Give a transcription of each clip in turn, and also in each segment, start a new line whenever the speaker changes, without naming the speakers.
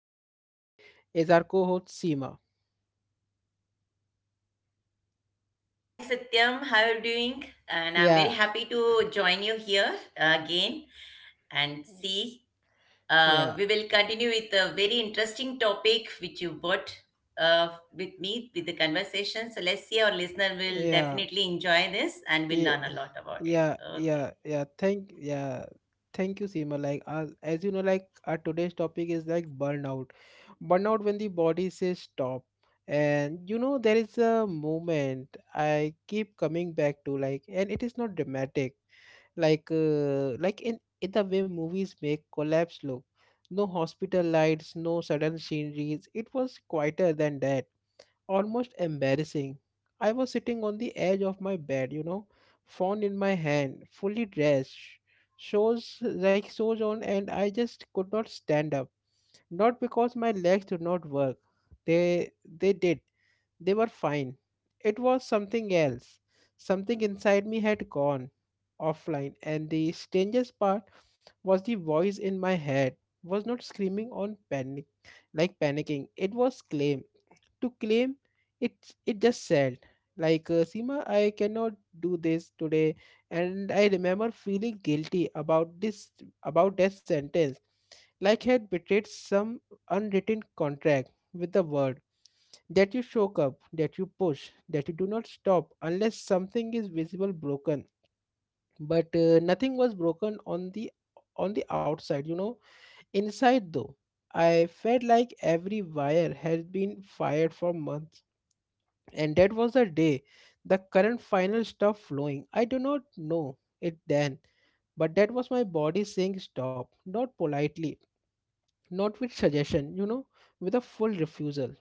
and with me is our co-host Seema.
Hi Satyam, how are you doing? And I'm very
Yeah,
happy to join you here again and see.
yeah,
We will continue with a very interesting topic which you brought with me with the conversation. So let's see, our listener will
yeah,
definitely enjoy this and will
yeah,
learn a lot about it.
yeah,
Okay.
yeah, yeah. Thank, yeah, thank you, Seema. As you know, like our today's topic is like burnout, when the body says stop, and you know there is a moment I keep coming back to, like, and it is not dramatic. Like in the way movies make collapse look, no hospital lights, no sudden sceneries. It was quieter than that, almost embarrassing. I was sitting on the edge of my bed, you know, phone in my hand, fully dressed, shoes on, and I just could not stand up. Not because my legs did not work. They did. They were fine. It was something else. Something inside me had gone offline. And the strangest part was, the voice in my head was not screaming on panic like panicking. It was claim to claim, it just said, Seema, I cannot do this today. And I remember feeling guilty about this, about that sentence, like I had betrayed some unwritten contract with the world, that you show up, that you push, that you do not stop unless something is visible broken. But nothing was broken on the, on the outside, you know. Inside though, I felt like every wire had been fired for months, and that was the day the current final stopped flowing. I do not know it then, but that was my body saying stop, not politely, not with suggestion, with a full refusal.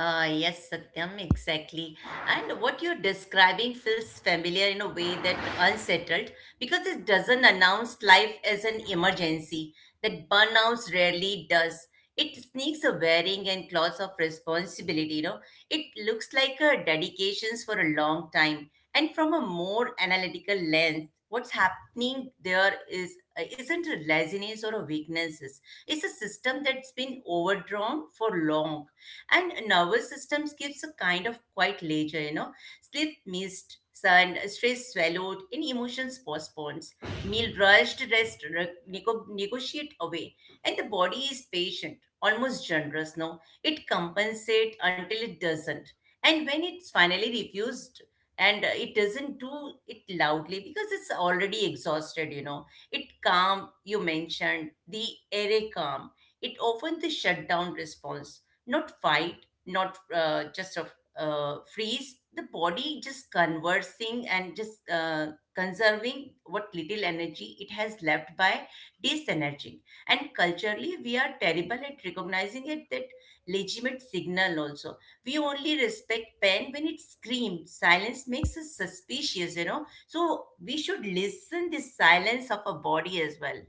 Yes, Satyam, exactly. And what you're describing feels familiar in a way that unsettled, because it doesn't announce life as an emergency, that burnout rarely does. It sneaks a wearing and cloth of responsibility, you know. It looks like a dedications for a long time. And from a more analytical lens, what's happening there is isn't a laziness or a weaknesses. It's a system that's been overdrawn for long, and nervous systems gives a kind of quiet leisure, you know. Sleep missed, sun stress swallowed, and emotions postponed, meal rushed, rest negotiate away. And the body is patient, almost generous. No, it compensates until it doesn't. And when it's finally refused, and it doesn't do it loudly because it's already exhausted, you know. It calm, you mentioned the array calm. It often the shutdown response, not fight, not just a freeze. The body just conversing and just conserving what little energy it has left by disenerging. And culturally, we are terrible at recognizing it, that legitimate signal also. We only respect pain when it screams. Silence makes us suspicious, you know. So we should listen the silence of a body as well.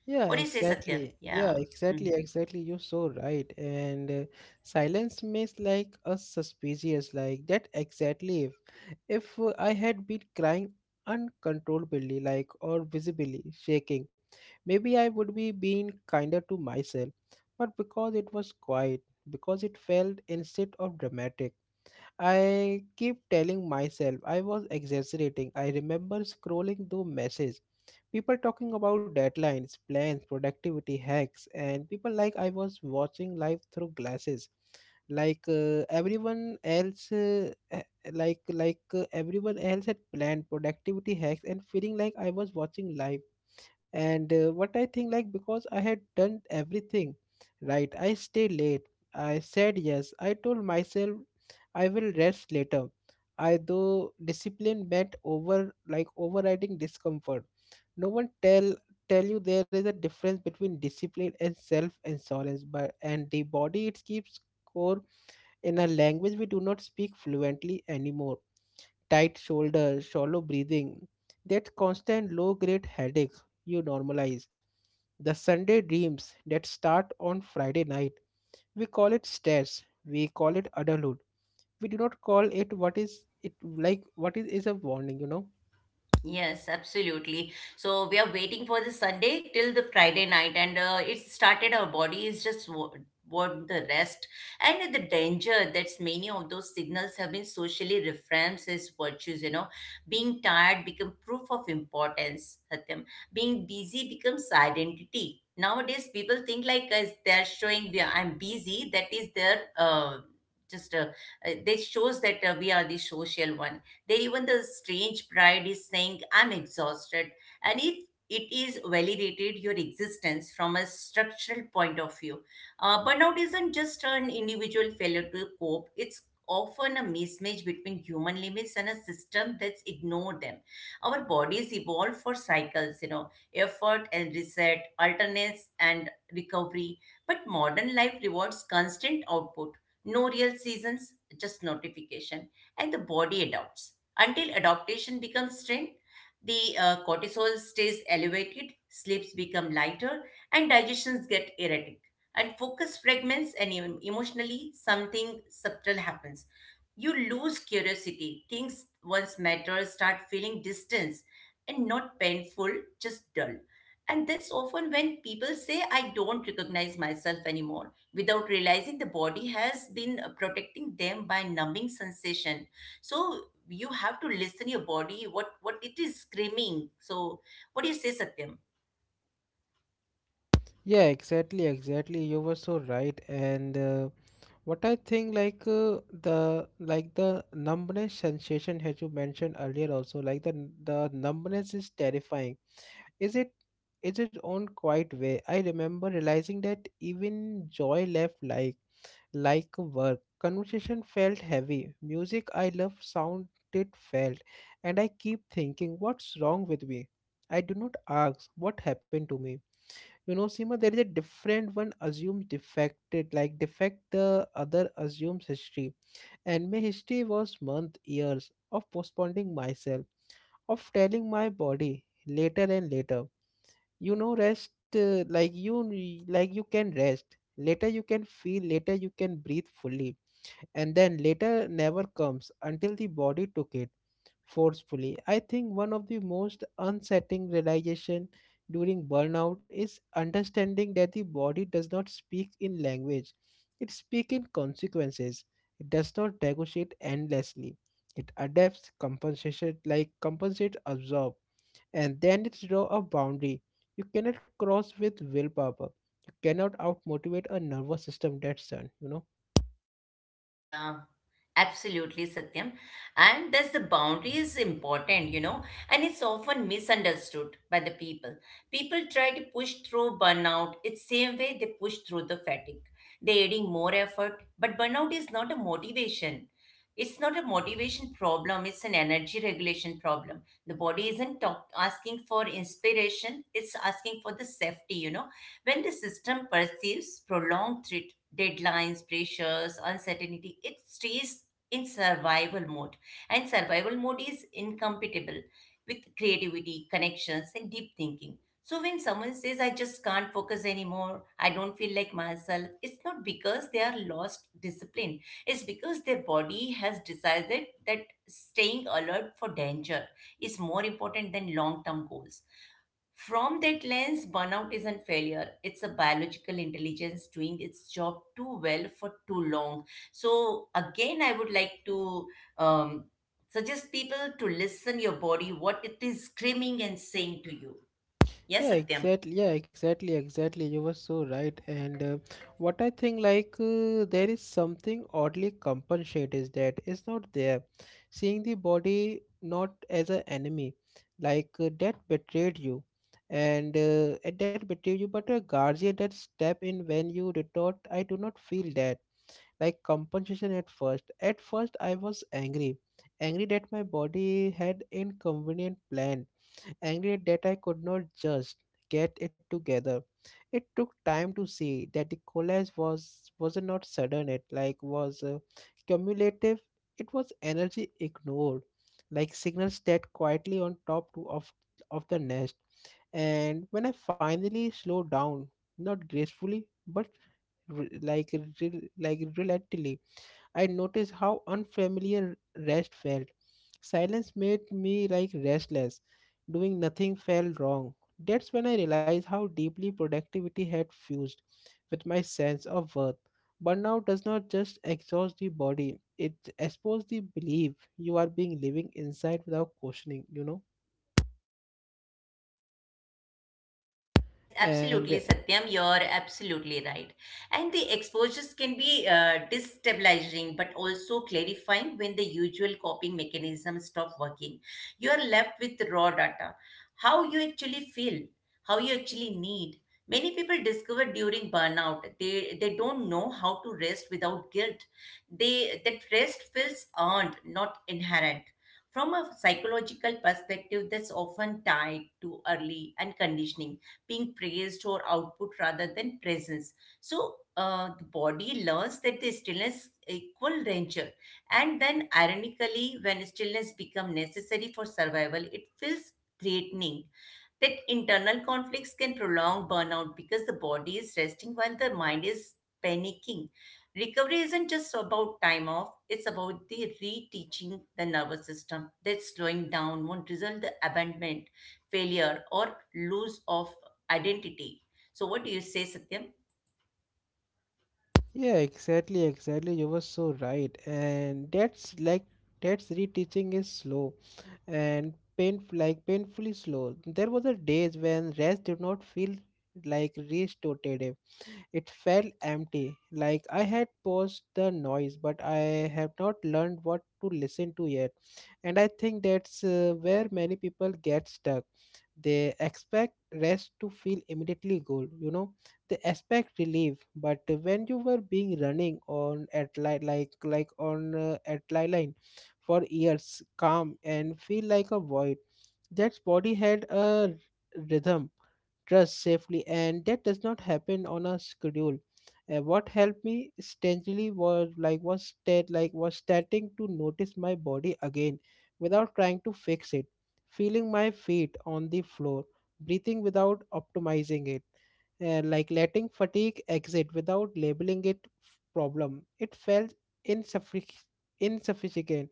Yeah,
What do you say,
exactly.
Satyam?
Yeah,
Yeah.
exactly,
Mm-hmm.
exactly. You're so right. And silence makes like us suspicious, like that exactly. If I had been crying uncontrollably, like or visibly shaking, maybe I would be being kinder to myself. But because it was quiet, because it felt instead of dramatic, I keep telling myself I was exaggerating. I remember scrolling through messages, people talking about deadlines, plans, productivity hacks, and people like I was watching life through glasses. Like everyone else eh, like everyone else had planned productivity hacks and feeling like I was watching live. And what I think, like, because I had done everything right. I stayed late, I said yes, I told myself I will rest later. I though discipline meant overriding discomfort. No one tell you there is a difference between discipline and self insurance, but and the body it keeps score in a language we do not speak fluently anymore. Tight shoulders, shallow breathing, that constant low grade headache you normalize. The Sunday dreams that start on Friday night. We call it stress. We call it adulthood. We do not call it what is it, like what is a warning, you know?
Yes, absolutely. So we are waiting for the Sunday till the Friday night, and it started. Our body is just want the rest, and the danger that's many of those signals have been socially reframed as virtues. You know, being tired become proof of importance. Satyam, being busy becomes identity. Nowadays, people think like as they're showing we are, I'm busy. That is their just they shows that we are the social one, there even the strange pride is saying, I'm exhausted. And if it is validated your existence from a structural point of view. Burnout isn't just an individual failure to cope, it's often a mismatch between human limits and a system that's ignored them. Our bodies evolve for cycles, you know, effort and reset, alternates and recovery. But modern life rewards constant output, no real seasons, just notification, and the body adapts. Until adaptation becomes strength, the cortisol stays elevated, sleeps become lighter, and digestions get erratic. And focus fragments, and emotionally, something subtle happens. You lose curiosity. Things once matter start feeling distance, and not painful, just dull. And that's often when people say, I don't recognize myself anymore, without realizing the body has been protecting them by numbing sensation. So you have to listen your body, what it is screaming. So what do you say, Satyam?
Yeah, exactly, exactly. You were so right. And What I think, like the numbness sensation as you mentioned earlier, also like the numbness is terrifying. Is it is it on quite way? I remember realizing that even joy left, like work. Conversation felt heavy. Music I love sounded felt, and I keep thinking, what's wrong with me? I do not ask what happened to me. You know, Seema, there is a different one assumes defected, like defect the other assumes history. And my history was month, years of postponing myself, of telling my body later and later. You know, rest like you n- like you can rest. Later you can feel, later you can breathe fully. And then later never comes until the body took it forcefully. I think one of the most unsettling realization during burnout is understanding that the body does not speak in language. It speaks in consequences. It does not negotiate endlessly. It adapts compensation like compensate absorb, and then it draw a boundary. You cannot cross with willpower. You cannot outmotivate a nervous system that's done, you know.
Yeah. Absolutely, Satyam. And thus the boundary is important, you know, and it's often misunderstood by the people. People try to push through burnout. It's same way they push through the fatigue. They're adding more effort, but burnout is not a motivation. It's not a motivation problem. It's an energy regulation problem. The body isn't asking for inspiration. It's asking for the safety, you know. When the system perceives prolonged threat, deadlines, pressures, uncertainty, it stays in survival mode. And survival mode is incompatible with creativity, connections, and deep thinking. So when someone says, I just can't focus anymore, I don't feel like myself, it's not because they are lost discipline. It's because their body has decided that staying alert for danger is more important than long term goals. From that lens, burnout isn't failure. It's a biological intelligence doing its job too well for too long. So again, I would like to um, suggest people to listen your body, what it is screaming and saying to you. Yes,
Yeah,
Satyam.
exactly, yeah, exactly, exactly, you were so right. And uh, what I think, there is something oddly compensate that is not there, seeing the body not as an enemy, that betrayed you but a guardian that step in when you did not. I do not feel that like compensation at first. At first I was angry, angry that my body had inconvenient plan, angry that I could not just get it together. It took time to see that the collapse was not sudden. It was cumulative. It was energy ignored, like signals that quietly on top to, of the nest. And when I finally slowed down, not gracefully but reluctantly, I noticed how unfamiliar rest felt. Silence made me like restless. Doing nothing felt wrong. That's when I realized how deeply productivity had fused with my sense of worth. Burnout does not just exhaust the body, it exposes the belief you are being living inside without questioning, you know?
Yes,
And
absolutely, Satyam. You're absolutely right. And the exposures can be destabilizing but also clarifying when the usual coping mechanisms stop working. You are left with raw data, how you actually feel, how you actually need. Many people discover during burnout they don't know how to rest without guilt. They that rest feels earned, not inherent. From a psychological perspective, that's often tied to early and conditioning, being praised or output rather than presence. So the body learns that the stillness equal danger, and then ironically, when stillness become necessary for survival, it feels threatening. That internal conflicts can prolong burnout because the body is resting while the mind is panicking. Recovery isn't just about time off, it's about the reteaching the nervous system that slowing down won't result the abandonment, failure, or loss of identity. So, what do you say, Satyam?
Yeah, exactly, exactly. You were so right. And that's reteaching is slow and painfully slow. There was a days when rest did not feel like restorative. It felt empty, like I had paused the noise, but I have not learned what to listen to yet. And I think that's where many people get stuck. They expect rest to feel immediately good, you know. They expect relief, but when you were being running on at li- like on at line for years, calm and feel like a void, that body had a rhythm trust safely, and that does not happen on a schedule. What helped me strangely was like was stat like was starting to notice my body again without trying to fix it, feeling my feet on the floor, breathing without optimizing it, and like letting fatigue exit without labeling it problem. It felt insuffic- insufficient,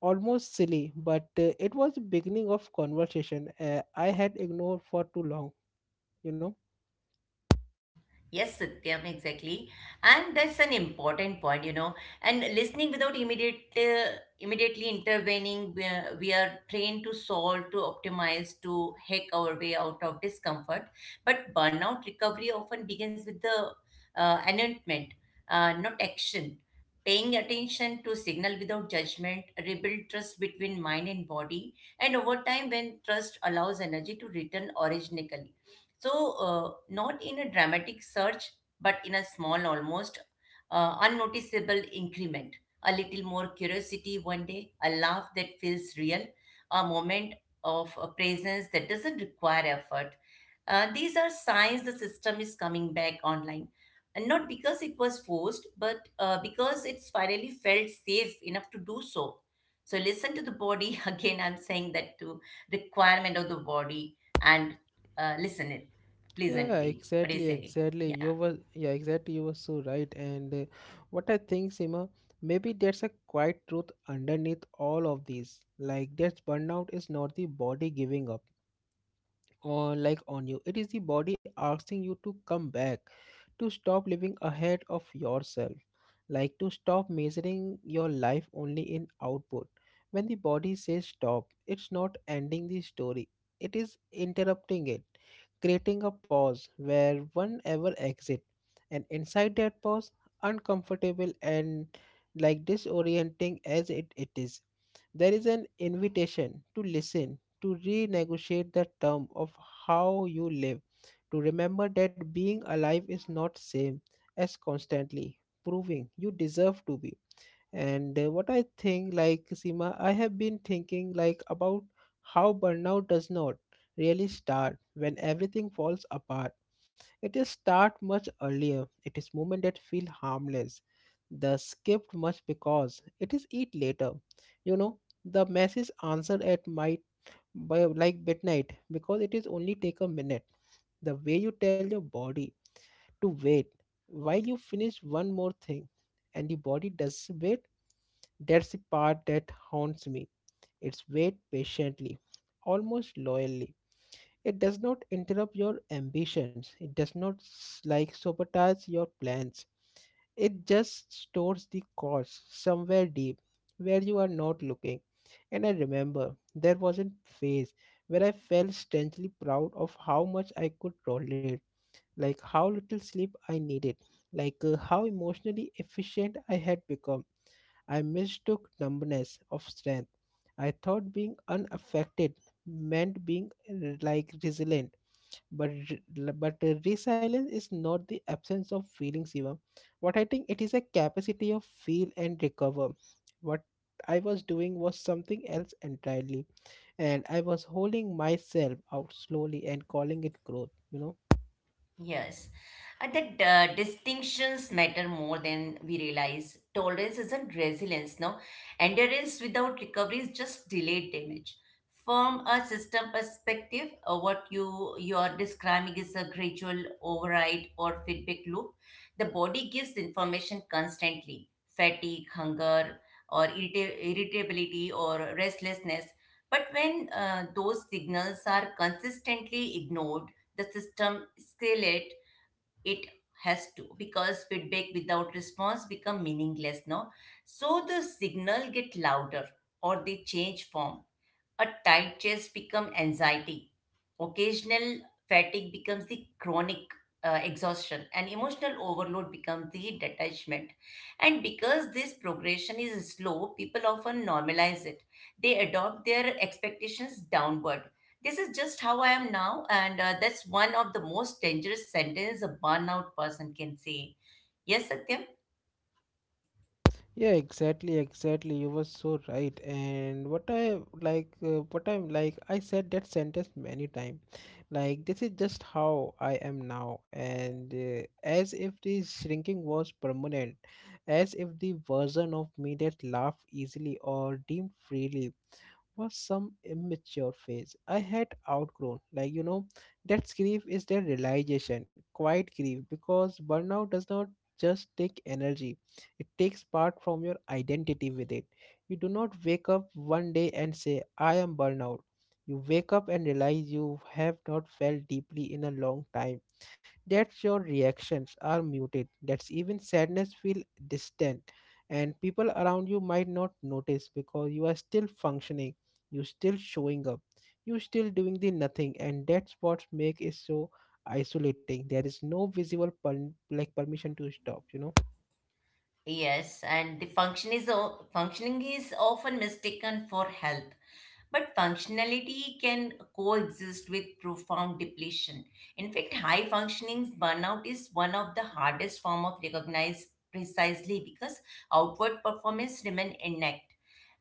almost silly, but it was the beginning of conversation I had ignored for too long, you know.
Yes, Satyam, exactly. And that's an important point, you know. And listening without immediately intervening, we are trained to solve, to optimize, to hack our way out of discomfort. But burnout recovery often begins with the announcement, not action. Paying attention to signal without judgment, rebuild trust between mind and body, and over time, when trust allows energy to return originally. So, not in a dramatic surge, but in a small, almost unnoticeable increment. A little more curiosity one day, a laugh that feels real, a moment of presence that doesn't require effort. These are signs the system is coming back online. And not because it was forced, but because it's finally felt safe enough to do so. So, listen to the body. Again, I'm saying that to requirement of the body and listen it
Yeah,
pleasantly. What do you
exactly,
say?
exactly.
Yeah.
You were, yeah, exactly. You were so right. And what I think, Sima, maybe there's a quiet truth underneath all of these. Like that burnout is not the body giving up or like on you. It is the body asking you to come back, to stop living ahead of yourself, like to stop measuring your life only in output. When the body says stop, it's not ending the story, it is interrupting it, creating a pause where one ever exit. And inside that pause, uncomfortable and disorienting as it is, there is an invitation to listen, to renegotiate the term of how you live, to remember that being alive is not same as constantly proving you deserve to be. And what I think, like, Sima, I have been thinking like about how burnout does not really start when everything falls apart. It is start much earlier. It is moment that feel harmless, the skipped much because it is eat later, you know, the message answered at might by like midnight because it is only take a minute, the way you tell your body to wait while you finish one more thing. And the body does wait. That's the part that haunts me. It's wait patiently, almost loyally. It does not interrupt your ambitions, it does not sabotage your plans. It just stores the cause somewhere deep where you are not looking. And I remember there was a phase where I felt strangely proud of how much I could tolerate, like how little sleep I needed, how emotionally efficient I had become. I mistook numbness of strength. I thought being unaffected meant being resilient. But resilience is not the absence of feeling, Shivam. What I think, it is a capacity of feel and recover. What I was doing was something else entirely, and I was holding myself out slowly and calling it growth. You know.
Yes, and that distinctions matter more than we realize. Tolerance isn't resilience, no. Endurance without recovery is just delayed damage. From a system perspective, what you are describing is a gradual override or feedback loop. The body gives information constantly: fatigue, hunger, or irritability or restlessness. But when those signals are consistently ignored, the system escalate. It has to, because feedback without response become meaningless, no. So the signal get louder or they change form. A tight chest become anxiety. Occasional fatigue becomes the chronic exhaustion, and emotional overload becomes the detachment. And because this progression is slow, people often normalize it. They adopt their expectations downward. This is just how I am now, and that's one of the most dangerous sentences a burnout person can say. Yes, Satyam?
Yeah, exactly, exactly. You were so right. And what I like, what I'm like, I said that sentence many times. Like, this is just how I am now. And As if the shrinking was permanent, as if the version of me that laughed easily or dreamed freely was some immature phase I had outgrown. Like, you know, that's grief is the realization. Quite grief, because burnout does not just take energy, it takes part from your identity with it. You do not wake up one day and say, I am burnout. You wake up and realize you have not felt deeply in a long time, that's your reactions are muted. That's even sadness feel distant, and people around you might not notice because you are still functioning, you still showing up, you still doing the nothing, and that's what make it so isolating. There is no visible permission to stop. You know.
Yes, and the function is functioning is often mistaken for health, but functionality can coexist with profound depletion. In fact, high functioning's burnout is one of the hardest form of recognized precisely because outward performance remain intact.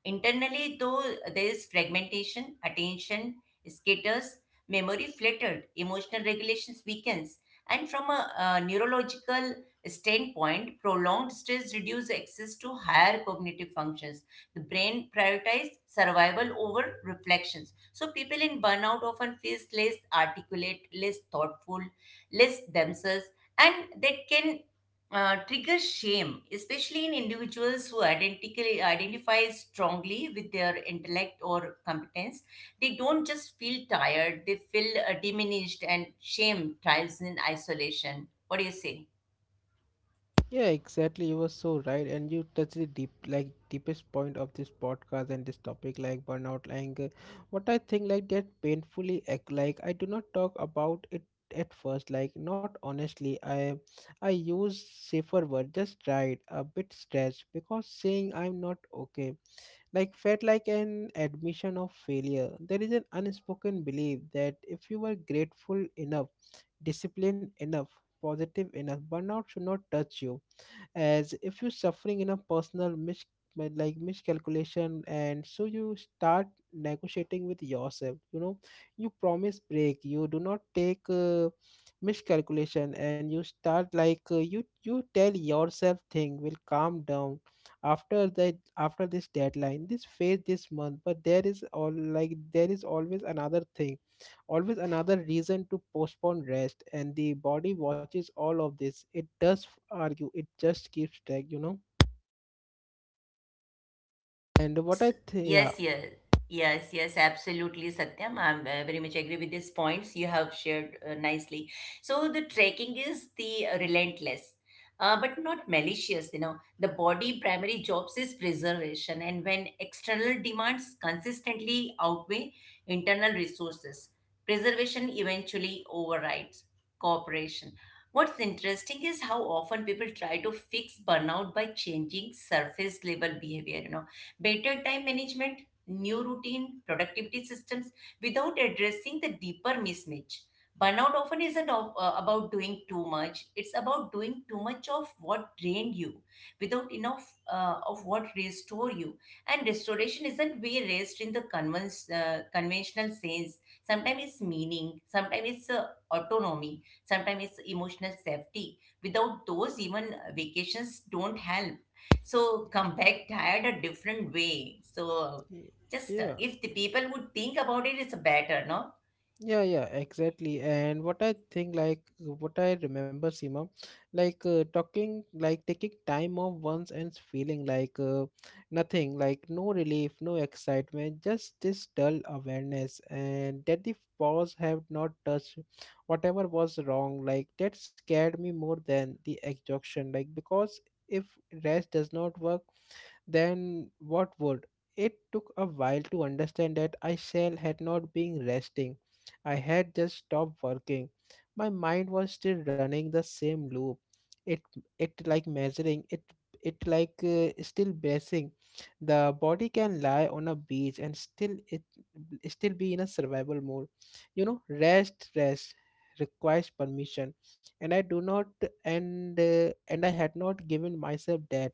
Internally, though, there is fragmentation, attention scatters, memory flattered, emotional regulations weakens, and from a neurological standpoint, prolonged stress reduces access to higher cognitive functions. The brain prioritizes survival over reflections. So people in burnout often feel less articulate, less thoughtful, less themselves, and that can trigger shame, especially in individuals who identically identify strongly with their intellect or competence. They don't just feel tired; they feel diminished, and shame thrives in isolation. What do you say?
Yeah, exactly. You were so right, and you touched the deep, like deepest point of this podcast and this topic, like burnout, anger. What I think, like that painfully, like I do not talk about it at first, like not honestly. I use safer word, just right, a bit stretched, because saying I'm not okay, like felt like an admission of failure. There is an unspoken belief that if you were grateful enough, disciplined enough, positive enough, burnout should not touch you as if you're suffering in a personal like miscalculation, and so you start negotiating with yourself. You know, you promise break, you do not take miscalculation, and you start like you tell yourself thing will calm down after that, after this deadline, this phase, this month, but there is all like there is always another thing, always another reason to postpone rest. And the body watches all of this. It does argue, it just keeps track, you know. And what I
Yes,
think, yeah.
yes, yes, yes, yes, absolutely, Satyam. I'm very much agree with these points you have shared nicely. So the trekking is the relentless, but not malicious. You know, the body primary jobs is preservation, and when external demands consistently outweigh internal resources, preservation eventually overrides cooperation. What's interesting is how often people try to fix burnout by changing surface level behavior. You know, better time management, new routine, productivity systems without addressing the deeper mismatch. Burnout often isn't about doing too much, it's about doing too much of what drained you without enough of what restore you. And restoration isn't we rest in the conventional sense. Sometimes it's meaning, sometimes it's autonomy, sometimes it's emotional safety. Without those, even vacations don't help, so come back tired a different way. So
Y-
just
yeah.
if the people would think about it, it's better, no.
Yeah, yeah, exactly. And what I think, like, what I remember, Seema, like, talking, like, taking time off once and feeling like nothing, like, no relief, no excitement, just this dull awareness, and that the pause have not touched whatever was wrong. Like, that scared me more than the exhaustion, like, because if rest does not work, then what would. It took a while to understand that I shell had not been resting. I had just stopped working. My mind was still running the same loop. It it like measuring it it like still bracing. The body can lie on a beach and still it still be in a survival mode. You know, rest requires permission, and I do not and and I had not given myself that.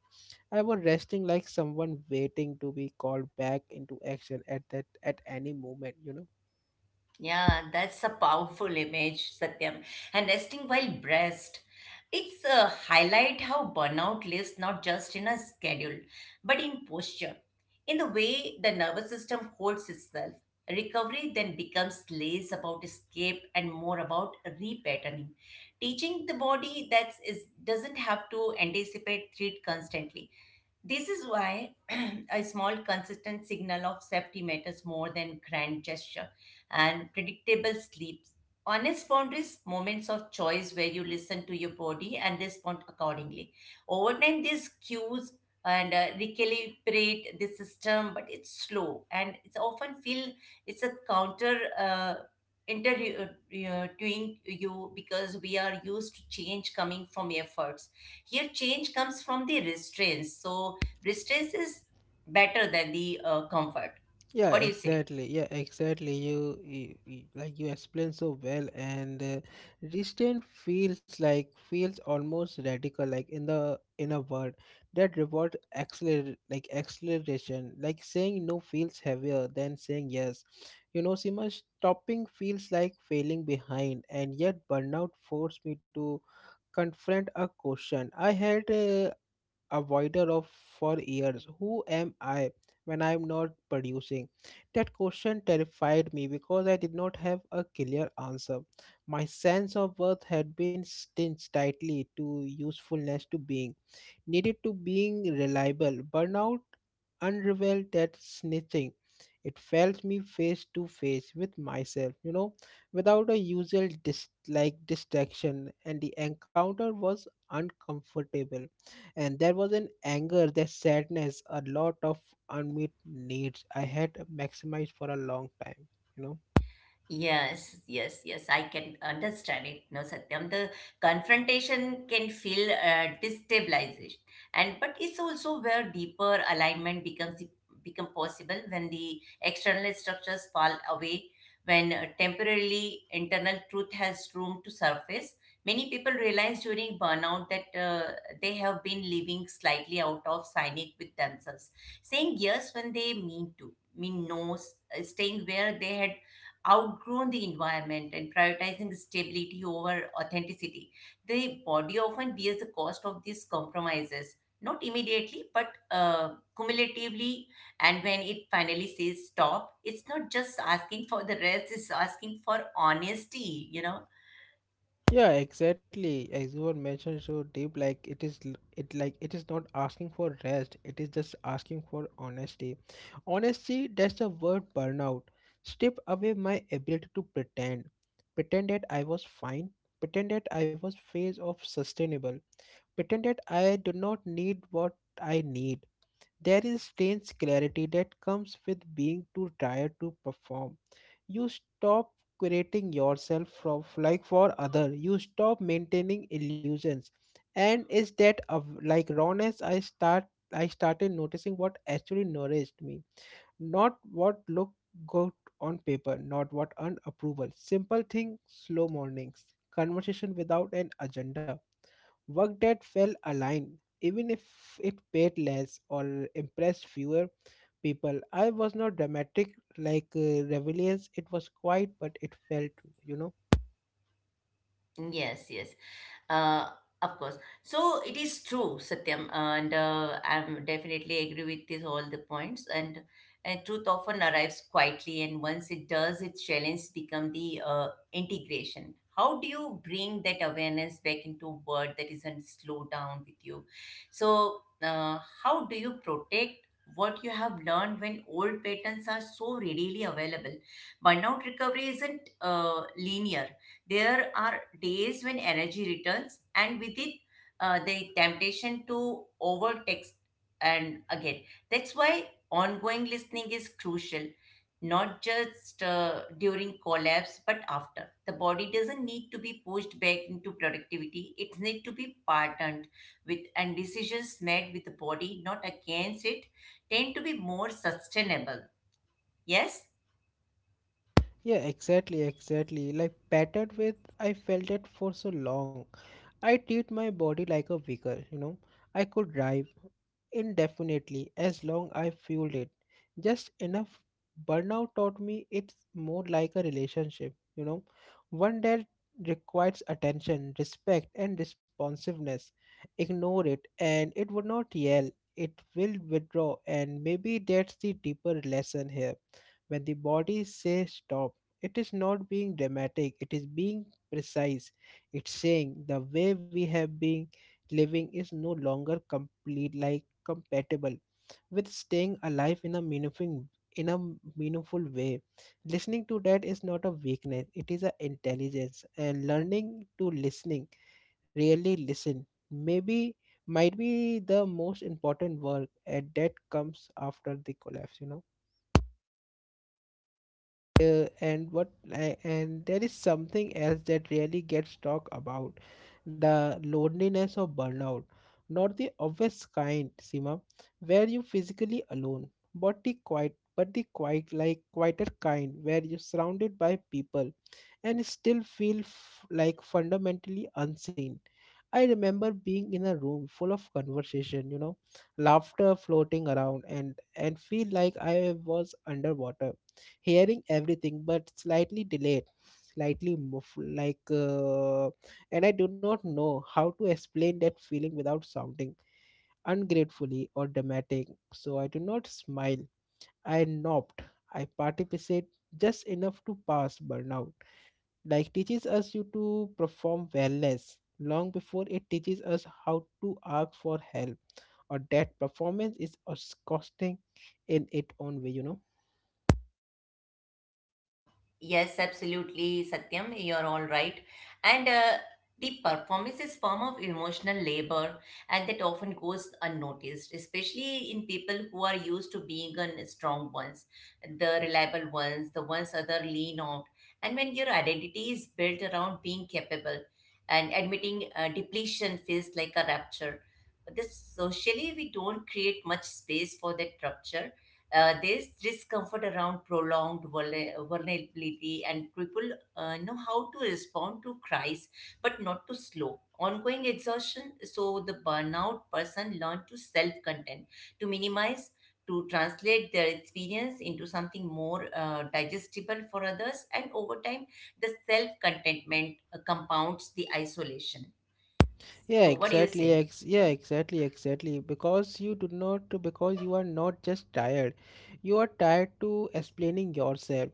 I was resting like someone waiting to be called back into action at that at any moment, you know.
Yeah, that's a powerful image, Satyam. And resting while breast, it's a highlight how burnout lives not just in a schedule but in posture, in the way the nervous system holds itself. Recovery then becomes less about escape and more about repatterning, teaching the body that is doesn't have to anticipate threat constantly. This is why a small, consistent signal of safety matters more than grand gesture, and predictable sleeps. Honest boundaries, moments of choice where you listen to your body and respond accordingly. Over time, these cues and recalibrate the system, but it's slow and it's often feel it's a counter interviewing you, because we are used to change coming from efforts. Here, change comes from the restraints. So, restraints is better than the comfort.
Yeah,
What do you say?
exactly. Yeah, exactly. Like you explained so well, and restraint feels like feels almost radical, like in the in a word that reward acceler like acceleration, like saying no feels heavier than saying yes. You know, Sima, stopping feels like failing behind, and yet burnout forced me to confront a question I had avoided of for years. Who am I when I'm not producing? That question terrified me because I did not have a clear answer. My sense of worth had been stitched tightly to usefulness, to being needed, to being reliable. Burnout unraveled that snitching. It felt me face to face with myself, you know, without a usual like distraction, and the encounter was uncomfortable. And there was an anger, that sadness, a lot of unmet needs I had maximized for a long time, you know.
Yes, yes, yes. I can understand it. No, Satyam, the confrontation can feel destabilization, and but it's also where deeper alignment become possible when the external structures fall away, when temporarily internal truth has room to surface. Many people realize during burnout that they have been living slightly out of sync with themselves, saying yes when they mean no, staying where they had outgrown the environment and prioritizing stability over authenticity. The body often bears the cost of these compromises, not immediately, but cumulatively. And when it finally says stop, it's not just asking for the rest, it's asking for honesty, you know?
Yeah, exactly. As you were mentioned so deep, like it is it like it is not asking for rest, it is just asking for honesty. Honesty, that's the word burnout. Strip away my ability to pretend. Pretend that I was fine. Pretend that I was phase of sustainable. Pretend that I do not need what I need. There is strange clarity that comes with being too tired to perform. You stop creating yourself from like for other, you stop maintaining illusions, and is that of like rawness I start, I started noticing what actually nourished me. Not what looked good on paper, not what earned approval. Simple things, slow mornings, conversation without an agenda. Work that felt aligned, even if it paid less or impressed fewer people. I was not dramatic like Rebellions. It was quiet, but it felt, you know.
Yes, yes. Uh, of course. So it is true, Satyam, and I'm definitely agree with this all the points. And truth often arrives quietly, and once it does, its challenge become the integration. How do you bring that awareness back into word that isn't slow down with you? So how do you protect what you have learned when old patterns are so readily available? Burnout recovery isn't linear. There are days when energy returns, and with it, the temptation to overtext. And again, that's why ongoing listening is crucial, not just during collapse, but after. The body doesn't need to be pushed back into productivity, it needs to be partnered with, and decisions made with the body, not against it, tend to be more sustainable. Yes?
Yeah, exactly, exactly. Like battered with, I felt it for so long. I treat my body like a vehicle, you know. I could drive indefinitely as long I fueled it. Just enough. Burnout taught me it's more like a relationship, you know, one that requires attention, respect, and responsiveness. Ignore it, and it would not yell, it will withdraw, and maybe that's the deeper lesson here. When the body says stop, it is not being dramatic, it is being precise. It's saying the way we have been living is no longer complete like compatible with staying alive in a meaningful way. Listening to that is not a weakness; it is an intelligence. And learning to listening, really listen, maybe might be the most important work, and that comes after the collapse. You know, and what I, and there is something else that really gets talked about, the loneliness of burnout. Not the obvious kind, Sima, where you physically alone, but the quiet, but the quiet, like quieter kind, where you're surrounded by people and still feel like fundamentally unseen. I remember being in a room full of conversation, you know, laughter floating around, and feel like I was underwater, hearing everything but slightly delayed, slightly muffled, like and I do not know how to explain that feeling without sounding ungratefully or dramatic. So I do not smile, I nopped, I participate just enough to pass. Burnout like teaches us you to perform wellness long before it teaches us how to ask for help, or that performance is us costing in its own way, you know.
Yes, absolutely, Satyam, you're all right. And the performance is form of emotional labor, and that often goes unnoticed, especially in people who are used to being on strong ones, the reliable ones, the ones other lean on. And when your identity is built around being capable, and admitting depletion feels like a rupture. But this socially, we don't create much space for that rupture, this discomfort around prolonged vulnerability, and people know how to respond to cries, but not to slow. Ongoing exhaustion, so the burnout person learn to self content, to minimize, to translate their experience into something more digestible for others, and over time, the self contentment compounds the isolation.
Yeah,
So, what do you
exactly.
say?
Yeah, exactly, exactly. Because you do not, because you are not just tired, you are tired to explaining yourself,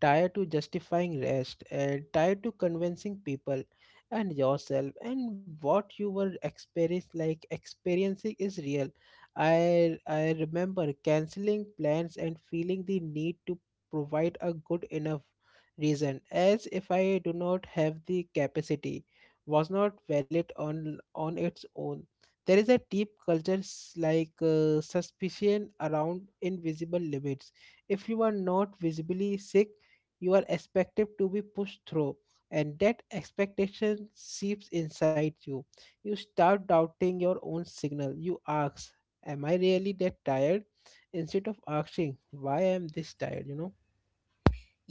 tired to justifying rest, and tired to convincing people and yourself and what you were experience like experiencing is real. I remember canceling plans and feeling the need to provide a good enough reason, as if I do not have the capacity was not valid on its own. There is a deep culture like suspicion around invisible limits. If you are not visibly sick, you are expected to be pushed through, and that expectation seeps inside you. You start doubting your own signal. You ask, "Am I really that tired?" instead of asking, "Why am I this tired?" You know.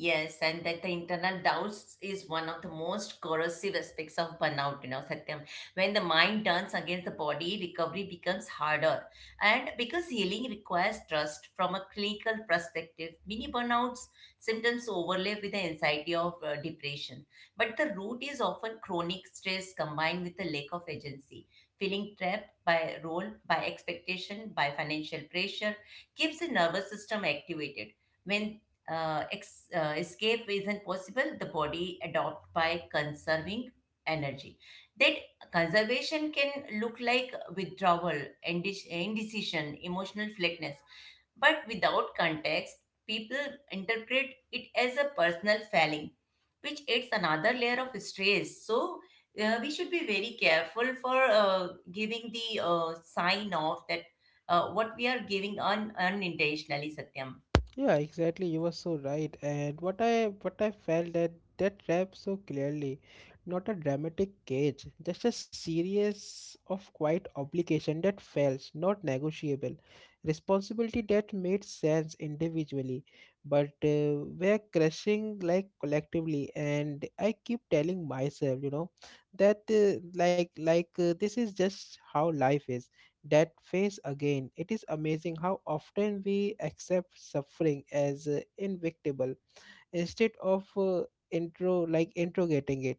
Yes, and that the internal doubts is one of the most corrosive aspects of burnout, you know, Satyam. When the mind turns against the body, recovery becomes harder. And because healing requires trust from a clinical perspective, many burnouts symptoms overlap with the anxiety of depression. But the root is often chronic stress combined with a lack of agency. Feeling trapped by role, by expectation, by financial pressure keeps the nervous system activated when escape isn't possible, the body adopt by conserving energy. That conservation can look like withdrawal, indecision, emotional flatness. But without context, people interpret it as a personal failing, which adds another layer of stress. So we should be very careful for giving the sign of that what we are giving unintentionally, Satyam.
Yeah, exactly. You were so right. And what I felt that that rap so clearly, not a dramatic cage, just a series of quiet obligation that fails, not negotiable, responsibility that made sense individually, but we're crushing like collectively. And I keep telling myself, you know, that like this is just how life is, that phase again. It is amazing how often we accept suffering as inevitable instead of intro like interrogating it.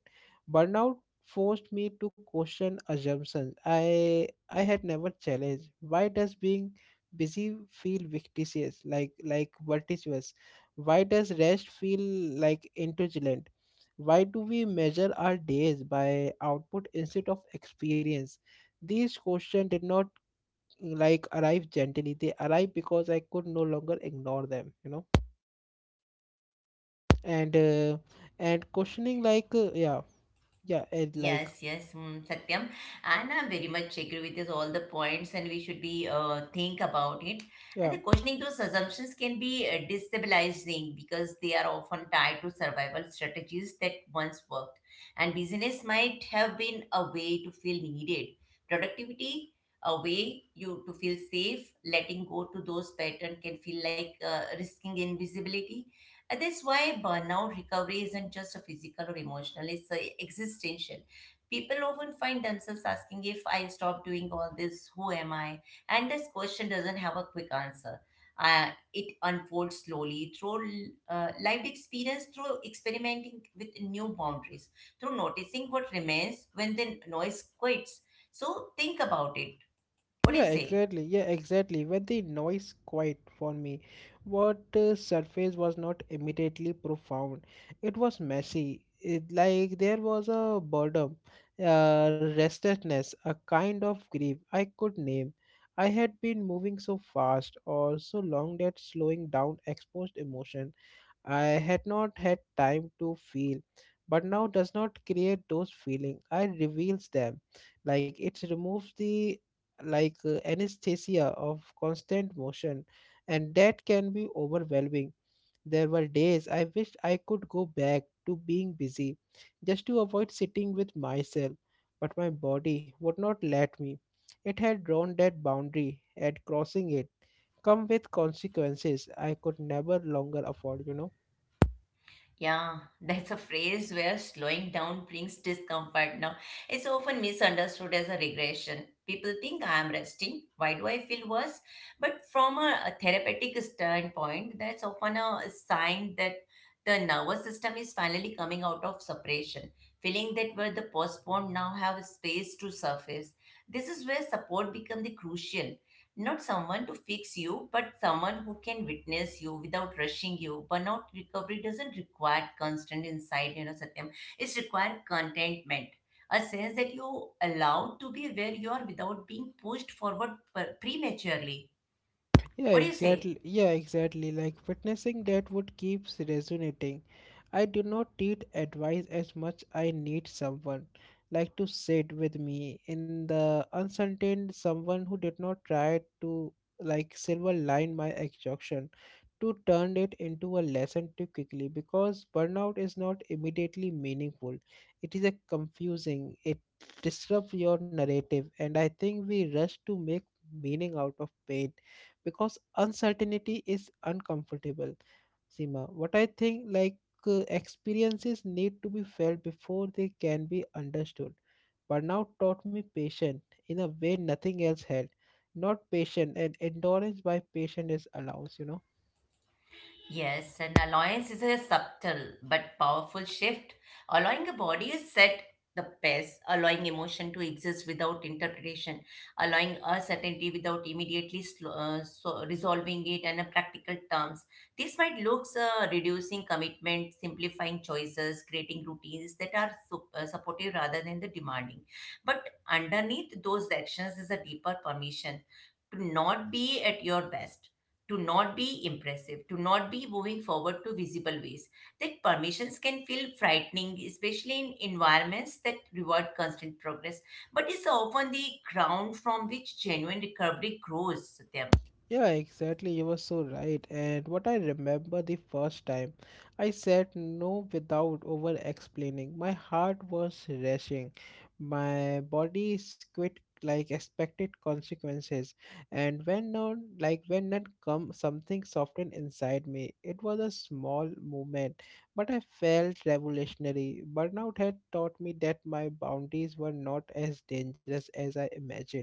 Burnout forced me to question assumptions I had never challenged. Why does being busy feel victitious, like vertiginous? Why does rest feel like indulgent? Why do we measure our days by output instead of experience? These questions did not like arrive gently, they arrived because I could no longer ignore them, you know. And and questioning like yeah. Yeah and like
Yes, yes, mm, Satyam. And I very much agree with this, all the points, and we should be think about it. And
yeah.
the questioning those assumptions can be destabilizing because they are often tied to survival strategies that once worked. And business might have been a way to feel needed, productivity a way you to feel safe. Letting go to those patterns can feel like risking invisibility. And that's why burnout recovery isn't just a physical or emotional, it's existential. People often find themselves asking, if I stop doing all this, who am I? And this question doesn't have a quick answer. It unfolds slowly through lived experience, through experimenting with new boundaries, through noticing what remains when the noise quits. So think about it. What do
Yeah,
you say?
exactly, yeah, exactly. When the noise quiet for me, what surface was not immediately profound, it was messy. It, like there was a boredom, restlessness, a kind of grief I could name. I had been moving so fast or so long that slowing down exposed emotion I had not had time to feel, but now does not create those feelings. I reveals them, like it removes the like anesthesia of constant motion, and that can be overwhelming. There were days I wished I could go back to being busy, just to avoid sitting with myself, but my body would not let me. It had drawn that boundary, and crossing it come with consequences I could never longer afford. You know.
Yeah, that's a phrase where slowing down brings discomfort now. It's often misunderstood as a regression. People think, I am resting. Why do I feel worse? But from a therapeutic standpoint, that's often a sign that the nervous system is finally coming out of suppression. Feeling that where the postponed now have space to surface. This is where support becomes the crucial. Not someone to fix you, but someone who can witness you without rushing you. Burnout recovery doesn't require constant insight, you know, Satyam. It's required contentment, a sense that you allowed to be where you are without being pushed forward prematurely.
Yeah,
What do you say?
exactly. Yeah, exactly. Like witnessing that would keeps resonating. I do not need advice as much I need someone like to sit with me in the uncertain, someone who did not try to like silver line my exhaustion, to turn it into a lesson too quickly, because burnout is not immediately meaningful. It is a confusing. It disrupts your narrative, and I think we rush to make meaning out of pain because uncertainty is uncomfortable. Seema, what I think like experiences need to be felt before they can be understood. Burnout taught me patience in a way nothing else had. Not patient and endurance by patience is allowance, you know.
Yes, and allowance is a subtle but powerful shift. Allowing a body to set the pace, allowing emotion to exist without interpretation, allowing uncertainty without immediately so resolving it in a practical terms. This might look reducing commitment, simplifying choices, creating routines that are supportive rather than the demanding. But underneath those actions is a deeper permission to not be at your best, to not be impressive, to not be moving forward to visible ways. That permissions can feel frightening, especially in environments that reward constant progress, but it's often the ground from which genuine recovery grows, Satyam.
Yeah, exactly. You were so right. And what I remember the first time I said no without over explaining. My heart was rushing. My body squid like expected consequences. And when none like when none come, something softened inside me. It was a small movement, but I felt revolutionary. Burnout had taught me that my boundaries were not as dangerous as I imagined,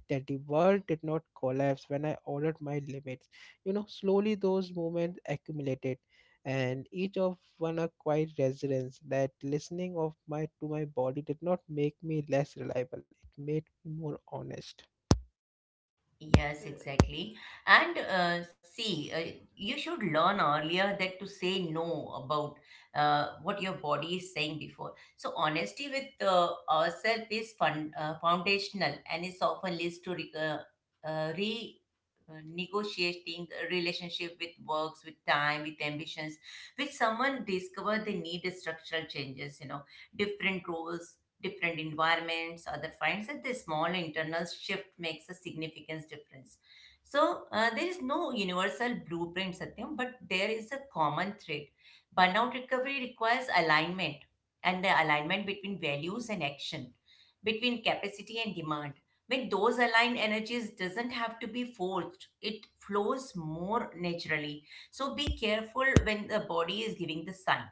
that the world did not collapse when I honored my limits. You know, slowly those moments accumulated, and each of one a quiet resonance. That listening of my to my body did not make me less reliable; it made me more honest.
Yes, exactly. And see, you should learn earlier that to say no about what your body is saying before. So honesty with ourselves is foundational and is often leads to re, re negotiating a relationship with works, with time, with ambitions. With someone discover they need structural changes, you know, different roles, different environments, other finds that the small internal shift makes a significant difference. So there is no universal blueprint, Satyam, but there is a common thread. Burnout recovery requires alignment, and the alignment between values and action, between capacity and demand. When those aligned energies doesn't have to be forced, it flows more naturally. So be careful when the body is giving the sign,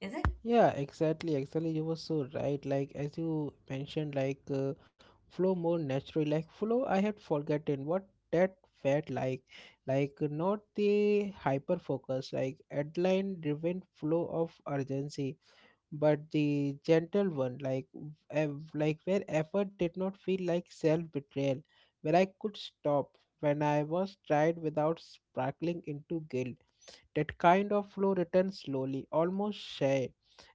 is it?
Yeah, exactly. Exactly. You were so right. Like as you mentioned, flow more natural. Like flow, I had forgotten what that felt like. Like not the hyper focus, like headline driven flow of urgency, but the gentle one. Like where effort did not feel like self betrayal, where I could stop when I was tried without sparkling into guilt, that kind of flow returns slowly, almost shy,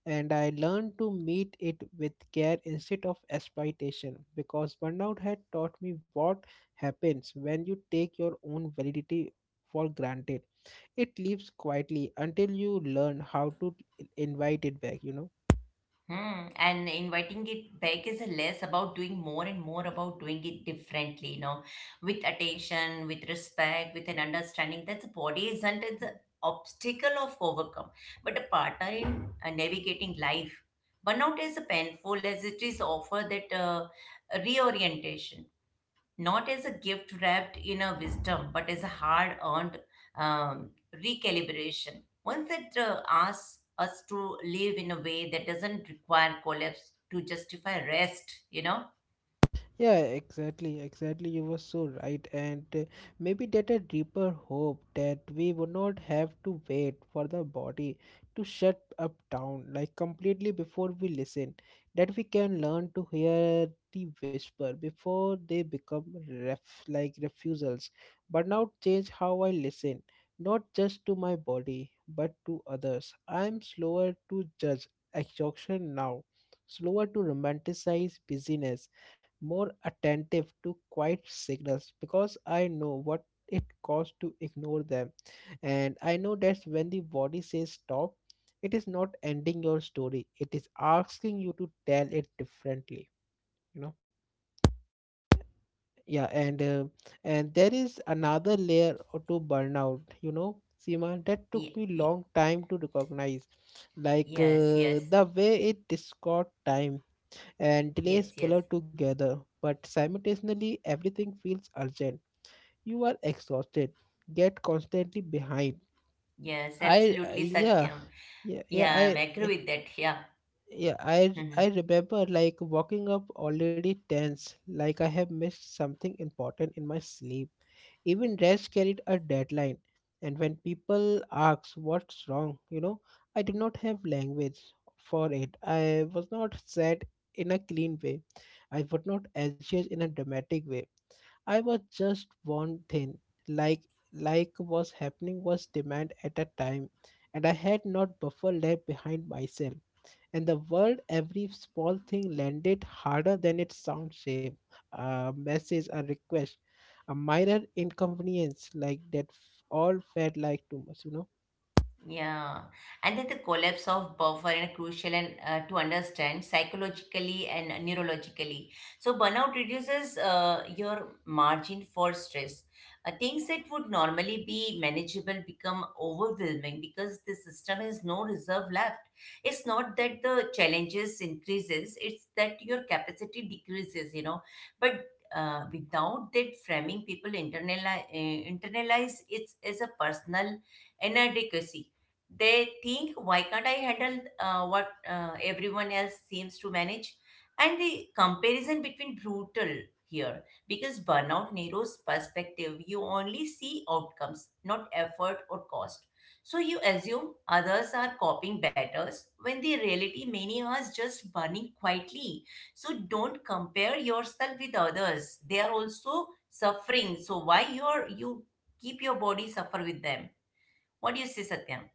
and I learned to meet it with care instead of expectation because burnout had taught me what happens when you take your own validity for granted. It leaves quietly until you learn how to invite it back.
Hmm. And inviting it back is less about doing more and more about doing it differently, you know, with attention, with respect, with an understanding that the body isn't the obstacle of overcome, but a partner in navigating life. Burnout is painful as it is offer that reorientation, not as a gift wrapped in a wisdom, but as a hard earned um, recalibration. Once that asks us to live in a way that doesn't require collapse to justify rest, you know?
Yeah, exactly, exactly. You were so right, and maybe that a deeper hope that we would not have to wait for the body to shut up down like completely before we listen, that we can learn to hear the whisper before they become refusals. But now change how I listen, not just to my body, but to others. I am slower to judge exhaustion now, slower to romanticize busyness, more attentive to quiet signals because I know what it costs to ignore them. And I know that when the body says stop, it is not ending your story, it is asking you to tell it differently, you know. Yeah, and there is another layer or to burnout, you know, Seema, that took
Ye-
me
ye-
long time to recognize,
yes, yes,
the way it distorts time and
yes,
delays
yes,
blur together, but simultaneously everything feels urgent. You are exhausted, get constantly behind.
yes, absolutely,
Yeah,
Satyam. Yeah, I
yeah.
agree with that. Yeah.
Yeah, I remember like walking up already tense, like I have missed something important in my sleep. Even rest carried a deadline. And when people ask what's wrong, you know, I did not have language for it. I was not sad in a clean way. I was not anxious in a dramatic way. I was just one thing, like like was happening was demand at a time, and I had not buffer left behind myself. And the world, every small thing landed harder than its sound shape. A message, a request, a minor inconvenience like all felt like too much, you know.
Yeah, and then the collapse of buffer is crucial and to understand psychologically and neurologically. So burnout reduces your margin for stress. Things that would normally be manageable become overwhelming because the system has no reserve left. It's not that the challenges increases; it's that your capacity decreases. You know, but without that framing, people internalize, internalize it as a personal inadequacy. They think, why can't I handle what everyone else seems to manage? And the comparison between brutal here because burnout narrows perspective. You only see outcomes, not effort or cost, so you assume others are coping better, when the reality, many are just burning quietly. So don't compare yourself with others, they are also suffering, so why you keep your body suffer with them? What do you say, Satyam?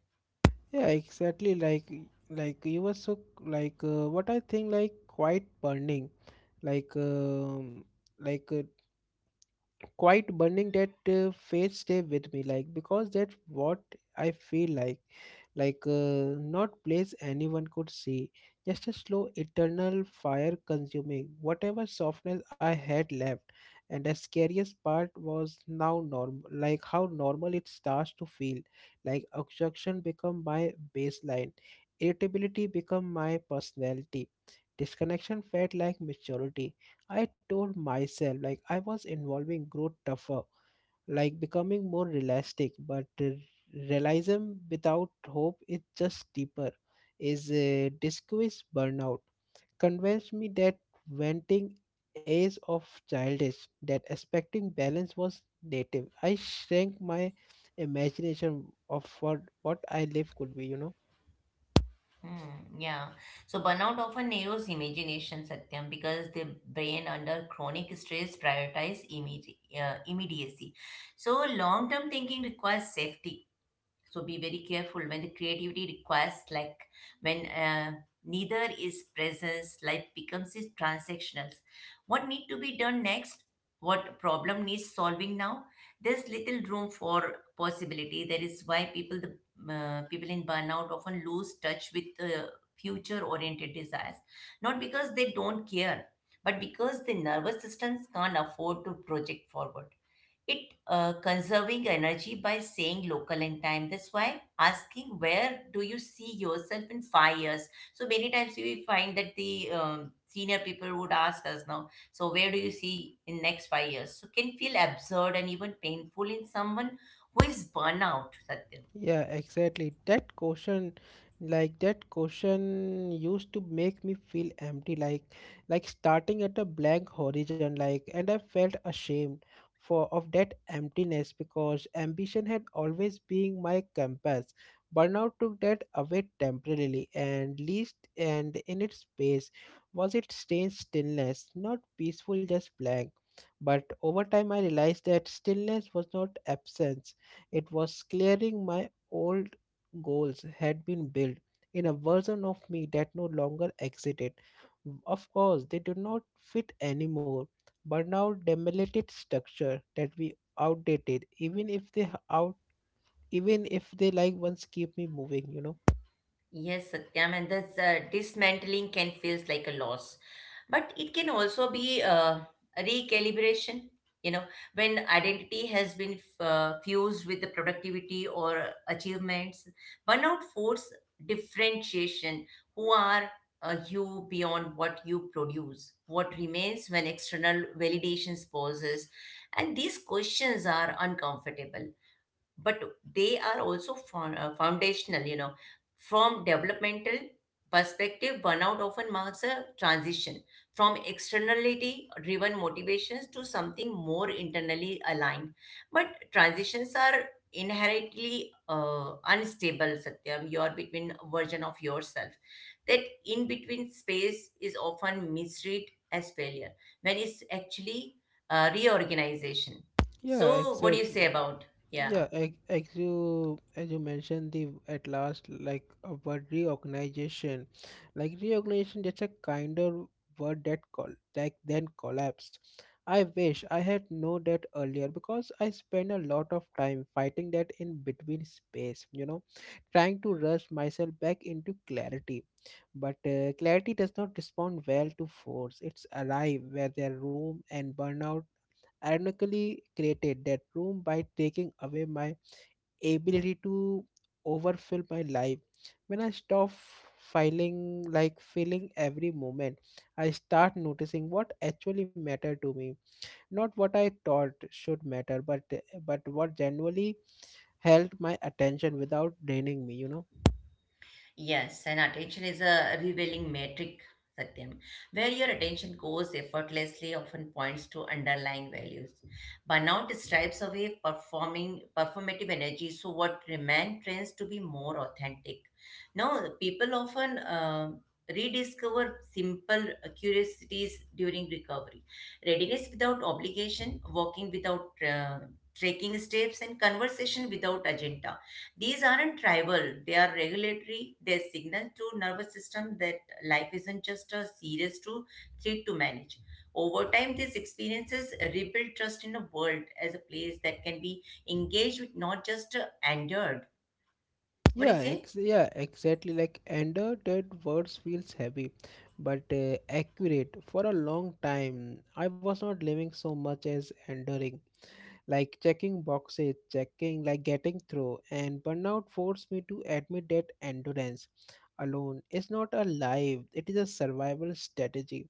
Yeah, exactly. Like you were so, what I think like quite burning, like um like uh, quite burning that phase stay with me like because that's what I feel like, like uh, not place anyone could see, just a slow eternal fire consuming whatever softness I had left. And the scariest part was now normal, like how normal it starts to feel. Like obstruction become my baseline, irritability become my personality, disconnection felt like maturity. I told myself like I was involving growth tougher, like becoming more realistic, but realism without hope is just deeper. Is a disguise burnout convinced me that venting is of childish, that expecting balance was native. I shrank my imagination of what I live could be, you know.
Hmm, yeah. So burnout often narrows imagination, Satyam, because the brain under chronic stress prioritizes immediacy. So long-term thinking requires safety, so be very careful when the creativity requires, like when neither is presence, life becomes is transactional. What need to be done next? What problem needs solving now? There's little room for possibility. That is why people in burnout often lose touch with future oriented desires, not because they don't care, but because the nervous systems can't afford to project forward. It conserving energy by saying local in time. That's why asking, where do you see yourself in 5 years, so many times we find that the senior people would ask us now, so where do you see in next 5 years, so can feel absurd and even painful in someone who is burnout, Satyam.
Yeah, exactly. That question, like that question used to make me feel empty, like starting at a blank horizon, like, and I felt ashamed for of that emptiness because ambition had always been my compass. Burnout took that away temporarily and least, and in its space was its strange stillness, not peaceful, just blank. But over time I realized that stillness was not absence, it was clearing my old goals had been built in a version of me that no longer existed. Of course, they do not fit anymore, but now demolited structure that we outdated, even if they h- out even if they like once keep me moving, you know.
Yes, Satyam, and this dismantling can feels like a loss, but it can also be a recalibration. You know, when identity has been fused with the productivity or achievements, burnout force differentiation. Who are you beyond what you produce? What remains when external validations pauses? And these questions are uncomfortable, but they are also foundational, you know. From developmental perspective, burnout often marks a transition from externality driven motivations to something more internally aligned, but transitions are inherently unstable, Satyam. You are between version of yourself. That in between space is often misread as failure when it's actually reorganization.
Yeah,
So what do you say
exactly.
about? Yeah.
Yeah, as you mentioned the at last like a word reorganization, like reorganization, that's a kinder word that call like then collapse. I wish I had known that earlier because I spent a lot of time fighting that in between space, you know, trying to rush myself back into clarity. But clarity does not respond well to force. It's arrive where their room, and burnout ironically created that room by taking away my ability to overfill my life. When I stop filing like feeling every moment, I start noticing what actually mattered to me. Not what I thought should matter, but what genuinely held my attention without draining me, you know.
Yes, and attention is a revealing metric, Satyam. Where your attention goes effortlessly often points to underlying values. Burnout strips away performing performative energy, so what remains tends to be more authentic. Now, people often rediscover simple curiosities during recovery. Readiness without obligation, walking without trekking steps, and conversation without agenda these aren't tribal, they are regulatory. They signal to nervous system that life isn't just a serious to threat to manage. Over time, these experiences rebuild trust in the world as a place that can be engaged with, not just endured. What do you
Yeah,
say?
yeah, exactly. Like under that words feels heavy, but accurate. For a long time, I was not living so much as enduring, like checking boxes, checking, like getting through. And burnout forced me to admit that endurance alone is not a life; it is a survival strategy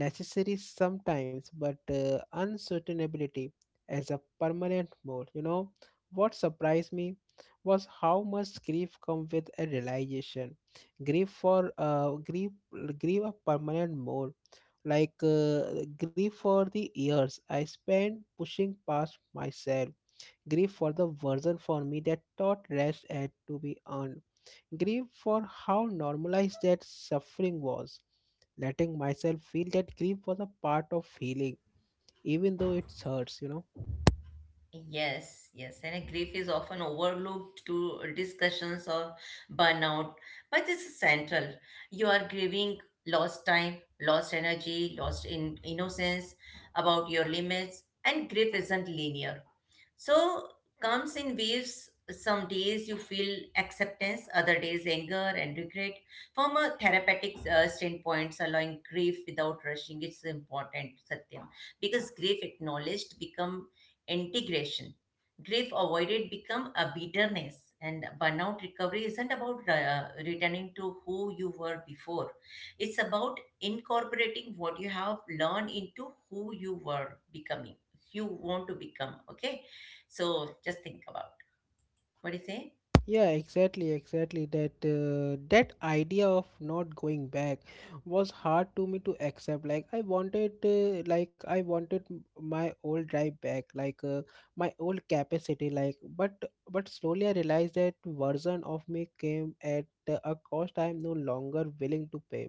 necessary sometimes, but uncertainty as a permanent mode. You know, what surprised me was how much grief come with a realization. Grief for uh, grief, grief a permanent mode. Grief for the years I spent pushing past myself. Grief for the version for me that taught rest had to be earned. Grief for how normalized that suffering was. Letting myself feel that grief was a part of healing, even though it hurts, you know.
Yes, yes, and a grief is often overlooked to discussions of burnout, but this is central. You are grieving lost time, lost energy, lost in innocence, about your limits, and grief isn't linear. So comes in waves. Some days you feel acceptance, other days anger and regret. From a therapeutic standpoint, allowing grief without rushing is important, Satyam, because grief acknowledged become integration. Grief avoided become a bitterness, and burnout recovery isn't about returning to who you were before. It's about incorporating what you have learned into who you were becoming, you want to become. Okay, so just think about what do you say.
Yeah, exactly, exactly, that that idea of not going back was hard to me to accept. Like I wanted my old drive back, my old capacity, but slowly I realized that version of me came at a cost I am no longer willing to pay,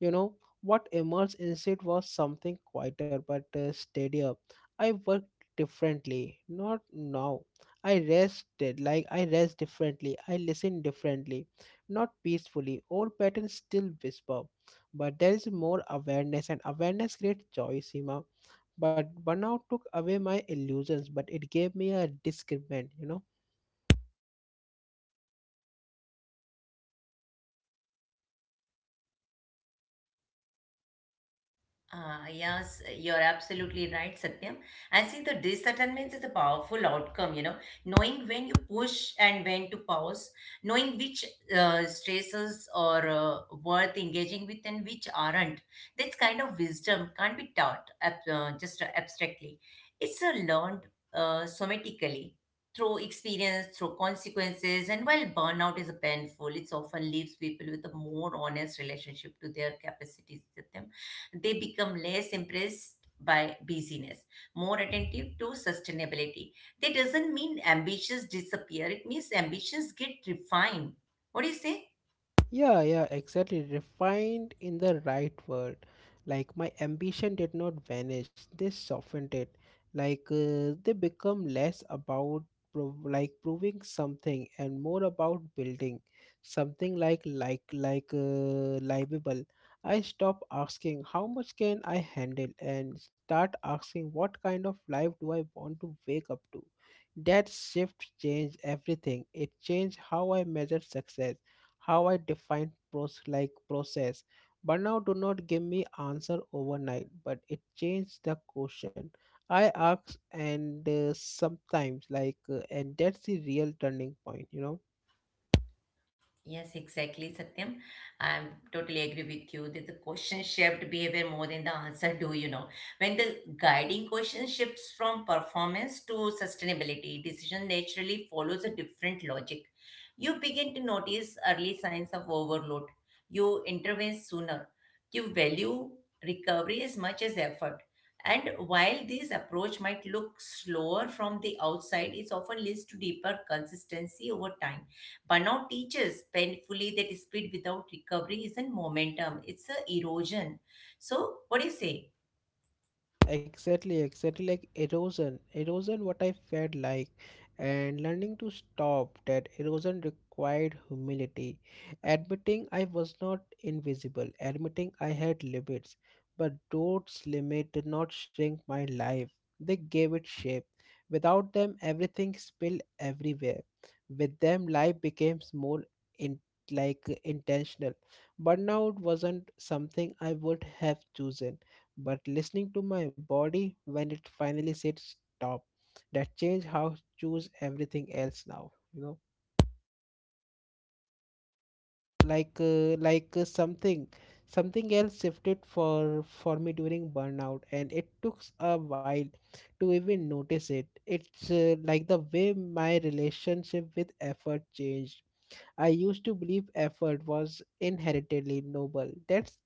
you know. What emerged instead was something quieter but steadier. I worked differently, not now. I rested, like I rest differently, I listen differently, not peacefully. Old patterns still whisper, but there is more awareness, and awareness creates choice, Seema. But burnout took away my illusions, but it gave me a discernment, you know.
Ah yes, you're absolutely right, Satyam. And see, the discernment is a powerful outcome, you know, knowing when you push and when to pause, knowing which stresses are worth engaging with and which aren't. This kind of wisdom can't be taught ab- just abstractly. It's learned somatically through experience, through consequences. And while burnout is painful, it often leaves people with a more honest relationship to their capacities, Satyam they become less impressed by busyness more attentive to sustainability that doesn't mean ambitions disappear it means ambitions get refined what do you say.
Yeah, yeah, exactly. Refined in the right word. Like my ambition did not vanish. They softened it. They become less about proving something and more about building something livable. I stop asking how much can I handle and start asking what kind of life do I want to wake up to. That shift changed everything. It changed how I measure success, how I define pros like process. Burnout do not give me answer overnight, but it changed the question I asked, and sometimes and that's the real turning point, you know.
Yes, exactly, Satyam. I totally agree with you that the question shaped behavior more than the answer do, you know. When the guiding question shifts from performance to sustainability, decision naturally follows a different logic. You begin to notice early signs of overload. You intervene sooner. You value recovery as much as effort. And while this approach might look slower from the outside, it often leads to deeper consistency over time. Burnout teaches painfully that speed without recovery isn't momentum, it's a erosion. So, what do you say?
Exactly, exactly like erosion. Erosion, what I felt like, and learning to stop that erosion required humility. Admitting I was not invisible, admitting I had limits, but those limits did not shrink my life, they gave it shape. Without them, everything spilled everywhere. With them, life became more in like intentional. Burnout wasn't something I would have chosen, but listening to my body when it finally said stop, that changed how I choose everything else now, you know. like uh, like uh, something something else shifted for me during burnout, and it took a while to even notice it. It's like the way my relationship with effort changed. I used to believe effort was inherently noble, that's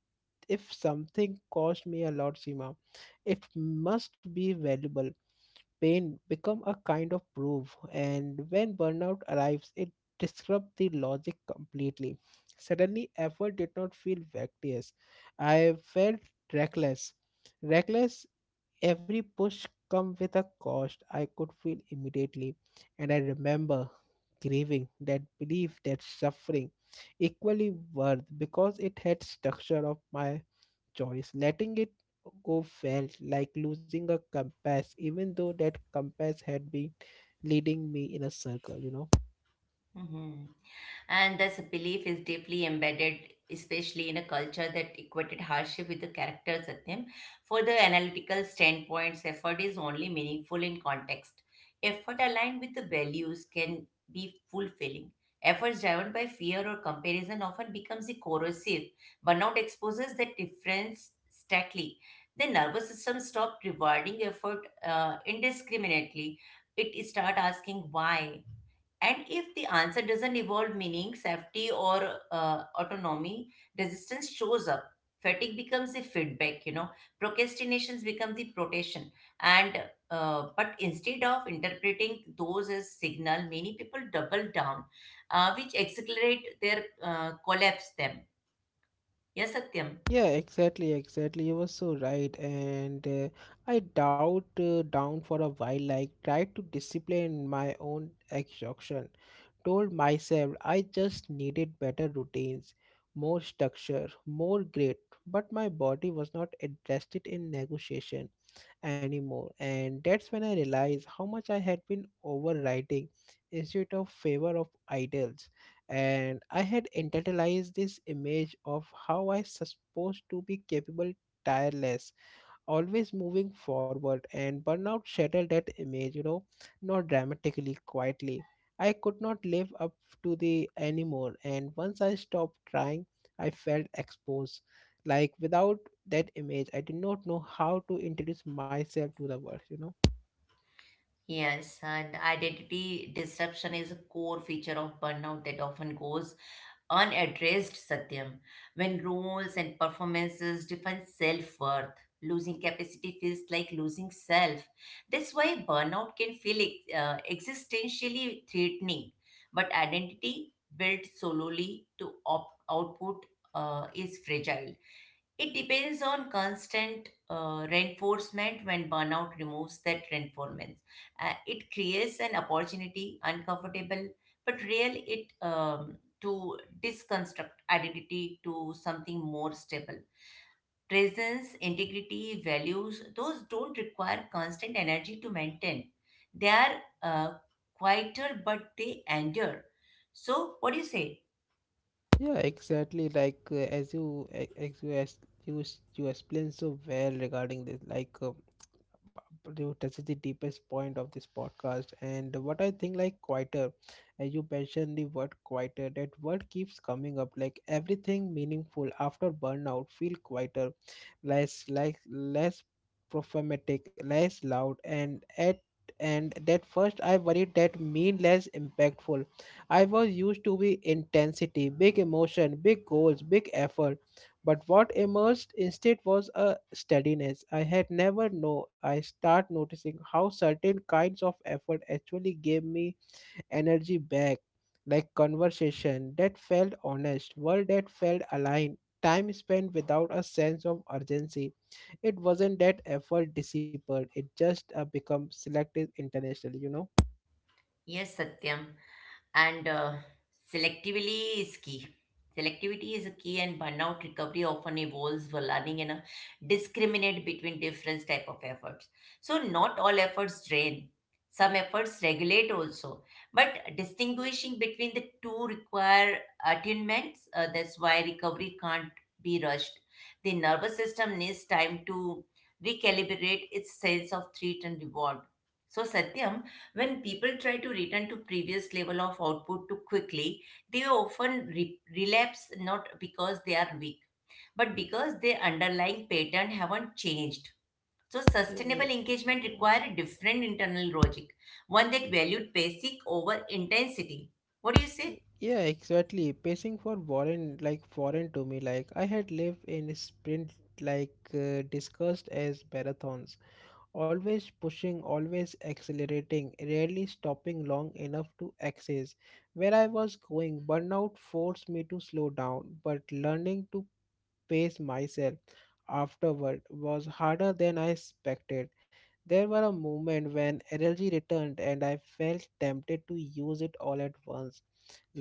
if something cost me a lot, Sima, it must be valuable. Pain become a kind of proof, and when burnout arrives it disrupts the logic completely. Suddenly effort did not feel vacuous, I felt reckless. Reckless, every push come with a cost I could feel immediately. And I remember grieving that belief that suffering equally worth because it had structure of my choice. Letting it go felt like losing a compass, even though that compass had been leading me in a circle, you know.
Mhm. And this belief is deeply embedded, especially in a culture that equated hardship with the character, Satyam. For the analytical standpoints, effort is only meaningful in context. Effort aligned with the values can be fulfilling. Efforts driven by fear or comparison often becomes a corrosive. Burnout exposes that difference starkly. The nervous system stops rewarding effort indiscriminately. It start asking why and if the answer doesn't involve meaning, safety, or autonomy, resistance shows up. Fatigue becomes the feedback, you know, procrastinations become the protection. And but instead of interpreting those as signal, many people double down, which accelerate their collapse. Them, yes, Satyam.
Yeah, exactly, exactly. You were so right. And I doubt down for a while, like tried to discipline my own exhaustion. Told myself I just needed better routines, more structure, more grit. But my body was not interested in negotiation anymore. And that's when I realized how much I had been overriding instead of favor of idols. And I had internalized this image of how I supposed to be capable, tireless, always moving forward, and burnout shattered that image, you know, not dramatically, quietly. I could not live up to the anymore, and once I stopped trying I felt exposed, like without that image I did not know how to introduce myself to the world, you know.
Yes, and identity disruption is a core feature of burnout that often goes unaddressed, Satyam. When roles and performances define self worth, losing capacity feels like losing self. That's why burnout can feel existentially threatening. But identity built solely to output is fragile. It depends on constant reinforcement when burnout removes that reinforcement it creates an opportunity, uncomfortable but real, it to disconstruct identity to something more stable. Presence, integrity, values, those don't require constant energy to maintain. They are uh, quieter, but they endure. So, what do you say?
Yeah, exactly, as you e- as you, s- you explained so well regarding this, you touch the deepest point of this podcast, and what I think like quieter, as you mentioned the word quieter, that word keeps coming up. Like everything meaningful after burnout feel quieter, less prophetic, less loud. And at, and that first I worried that mean less impactful. I was used to be intensity, big emotion, big goals, big effort, but what emerged instead was a steadiness I had never known. I start noticing how certain kinds of effort actually gave me energy back, like conversation that felt honest, word that felt aligned, time spent without a sense of urgency. It wasn't that effort disappeared; it just become selective internationally. You
Yes, Satyam. And selectively is key selectivity is a key and burnout recovery often involves learning and discriminate between different type of efforts so not all efforts drain some efforts regulate also but distinguishing between the two require attunements. That's why recovery can't be rushed. The nervous system needs time to recalibrate its sense of threat and reward. So Satyam, when people try to return to previous level of output too quickly, they often relapse not because they are weak, but because their underlying pattern haven't changed. So
know,
sustainable engagement require a different internal logic, one that valued basic over intensity. What do you say?
Yeah, exactly. Pacing for foreign, like foreign to me. Like I had lived in sprint, discussed as marathons, always pushing, always accelerating, rarely stopping long enough to access where I was going. Burnout forced me to slow down, but learning to pace myself afterward was harder than I expected. There were a moment when energy returned, and I felt tempted to use it all at once,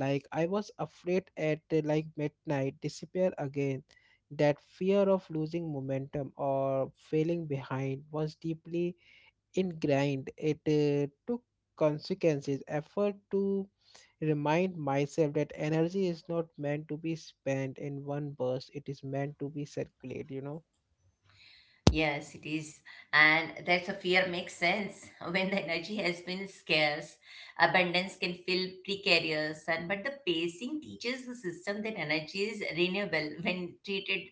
like I was afraid at like midnight disappear again. That fear of losing momentum or failing behind was deeply ingrained. It took consequences effort to remind myself that energy is not meant to be spent in one burst, it is meant to be circulated, you know.
Yes, it is. And that's a fear makes sense. When the energy has been scarce, abundance can feel precarious. And but the pacing teaches the system that energy is renewable when treated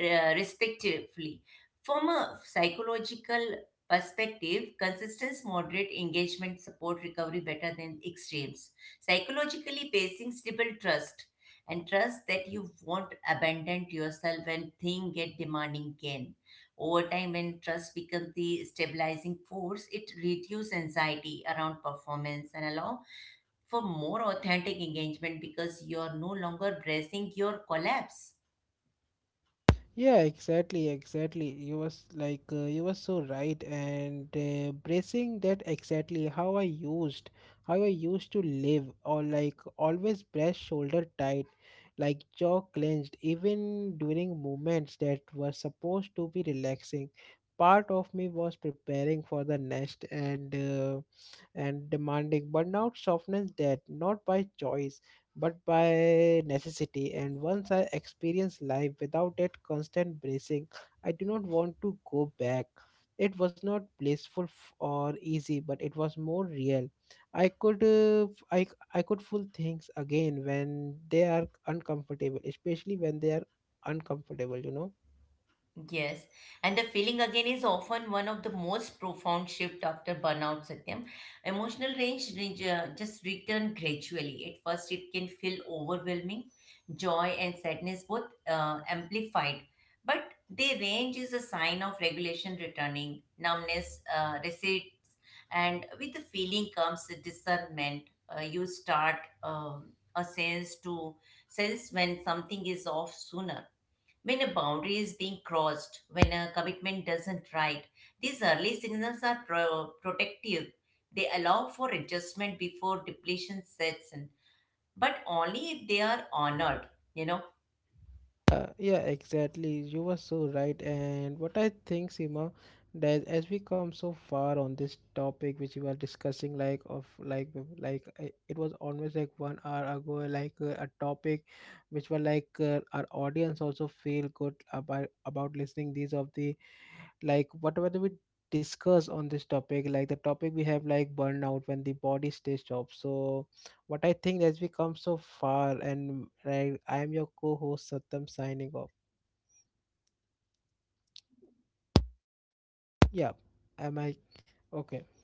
respectfully. From a psychological perspective, consistent moderate engagement support recovery better than extremes. Psychologically, pacing stable trust and trust that you won't abandon yourself when things get demanding again over time, when trust becomes the stabilizing force, it reduces anxiety around performance and allow for more authentic engagement because you're no longer bracing your collapse.
Yeah, exactly, exactly. You was like you were so right, and bracing that exactly how I used to live, or like always breast shoulder tight, like jaw clenched even during moments that were supposed to be relaxing. Part of me was preparing for the next and demanding. Burnout softens that not by choice but by necessity, and once I experienced life without that constant bracing I do not want to go back. It was not blissful or easy, but it was more real. i could uh, f- i I could feel things again when they are uncomfortable, especially when they are uncomfortable, you know.
Yes, and the feeling again is often one of the most profound shift after burnout, Satyam. Emotional range, just return gradually. At first, it can feel overwhelming, joy and sadness both amplified, but the range is a sign of regulation returning, numbness recedes, and with the feeling comes the discernment. You start um, a sense to sense when something is off sooner when a boundary is being crossed, when a commitment doesn't right, these early signals are protective. They allow for adjustment before depletion sets in, but only if they are honored, you know.
Yeah, exactly. You were so right. And what I think, Seema, that as we come so far on this topic, which we were discussing, like of like it was almost like 1 hour ago, a topic, which were our audience also feel good about listening these of the like whatever we discuss on this topic, like the topic we have, like burnout when the body stays job. So what I think, as we come so far, and right, I am your co-host Satyam, signing off. Yeah. Am I okay?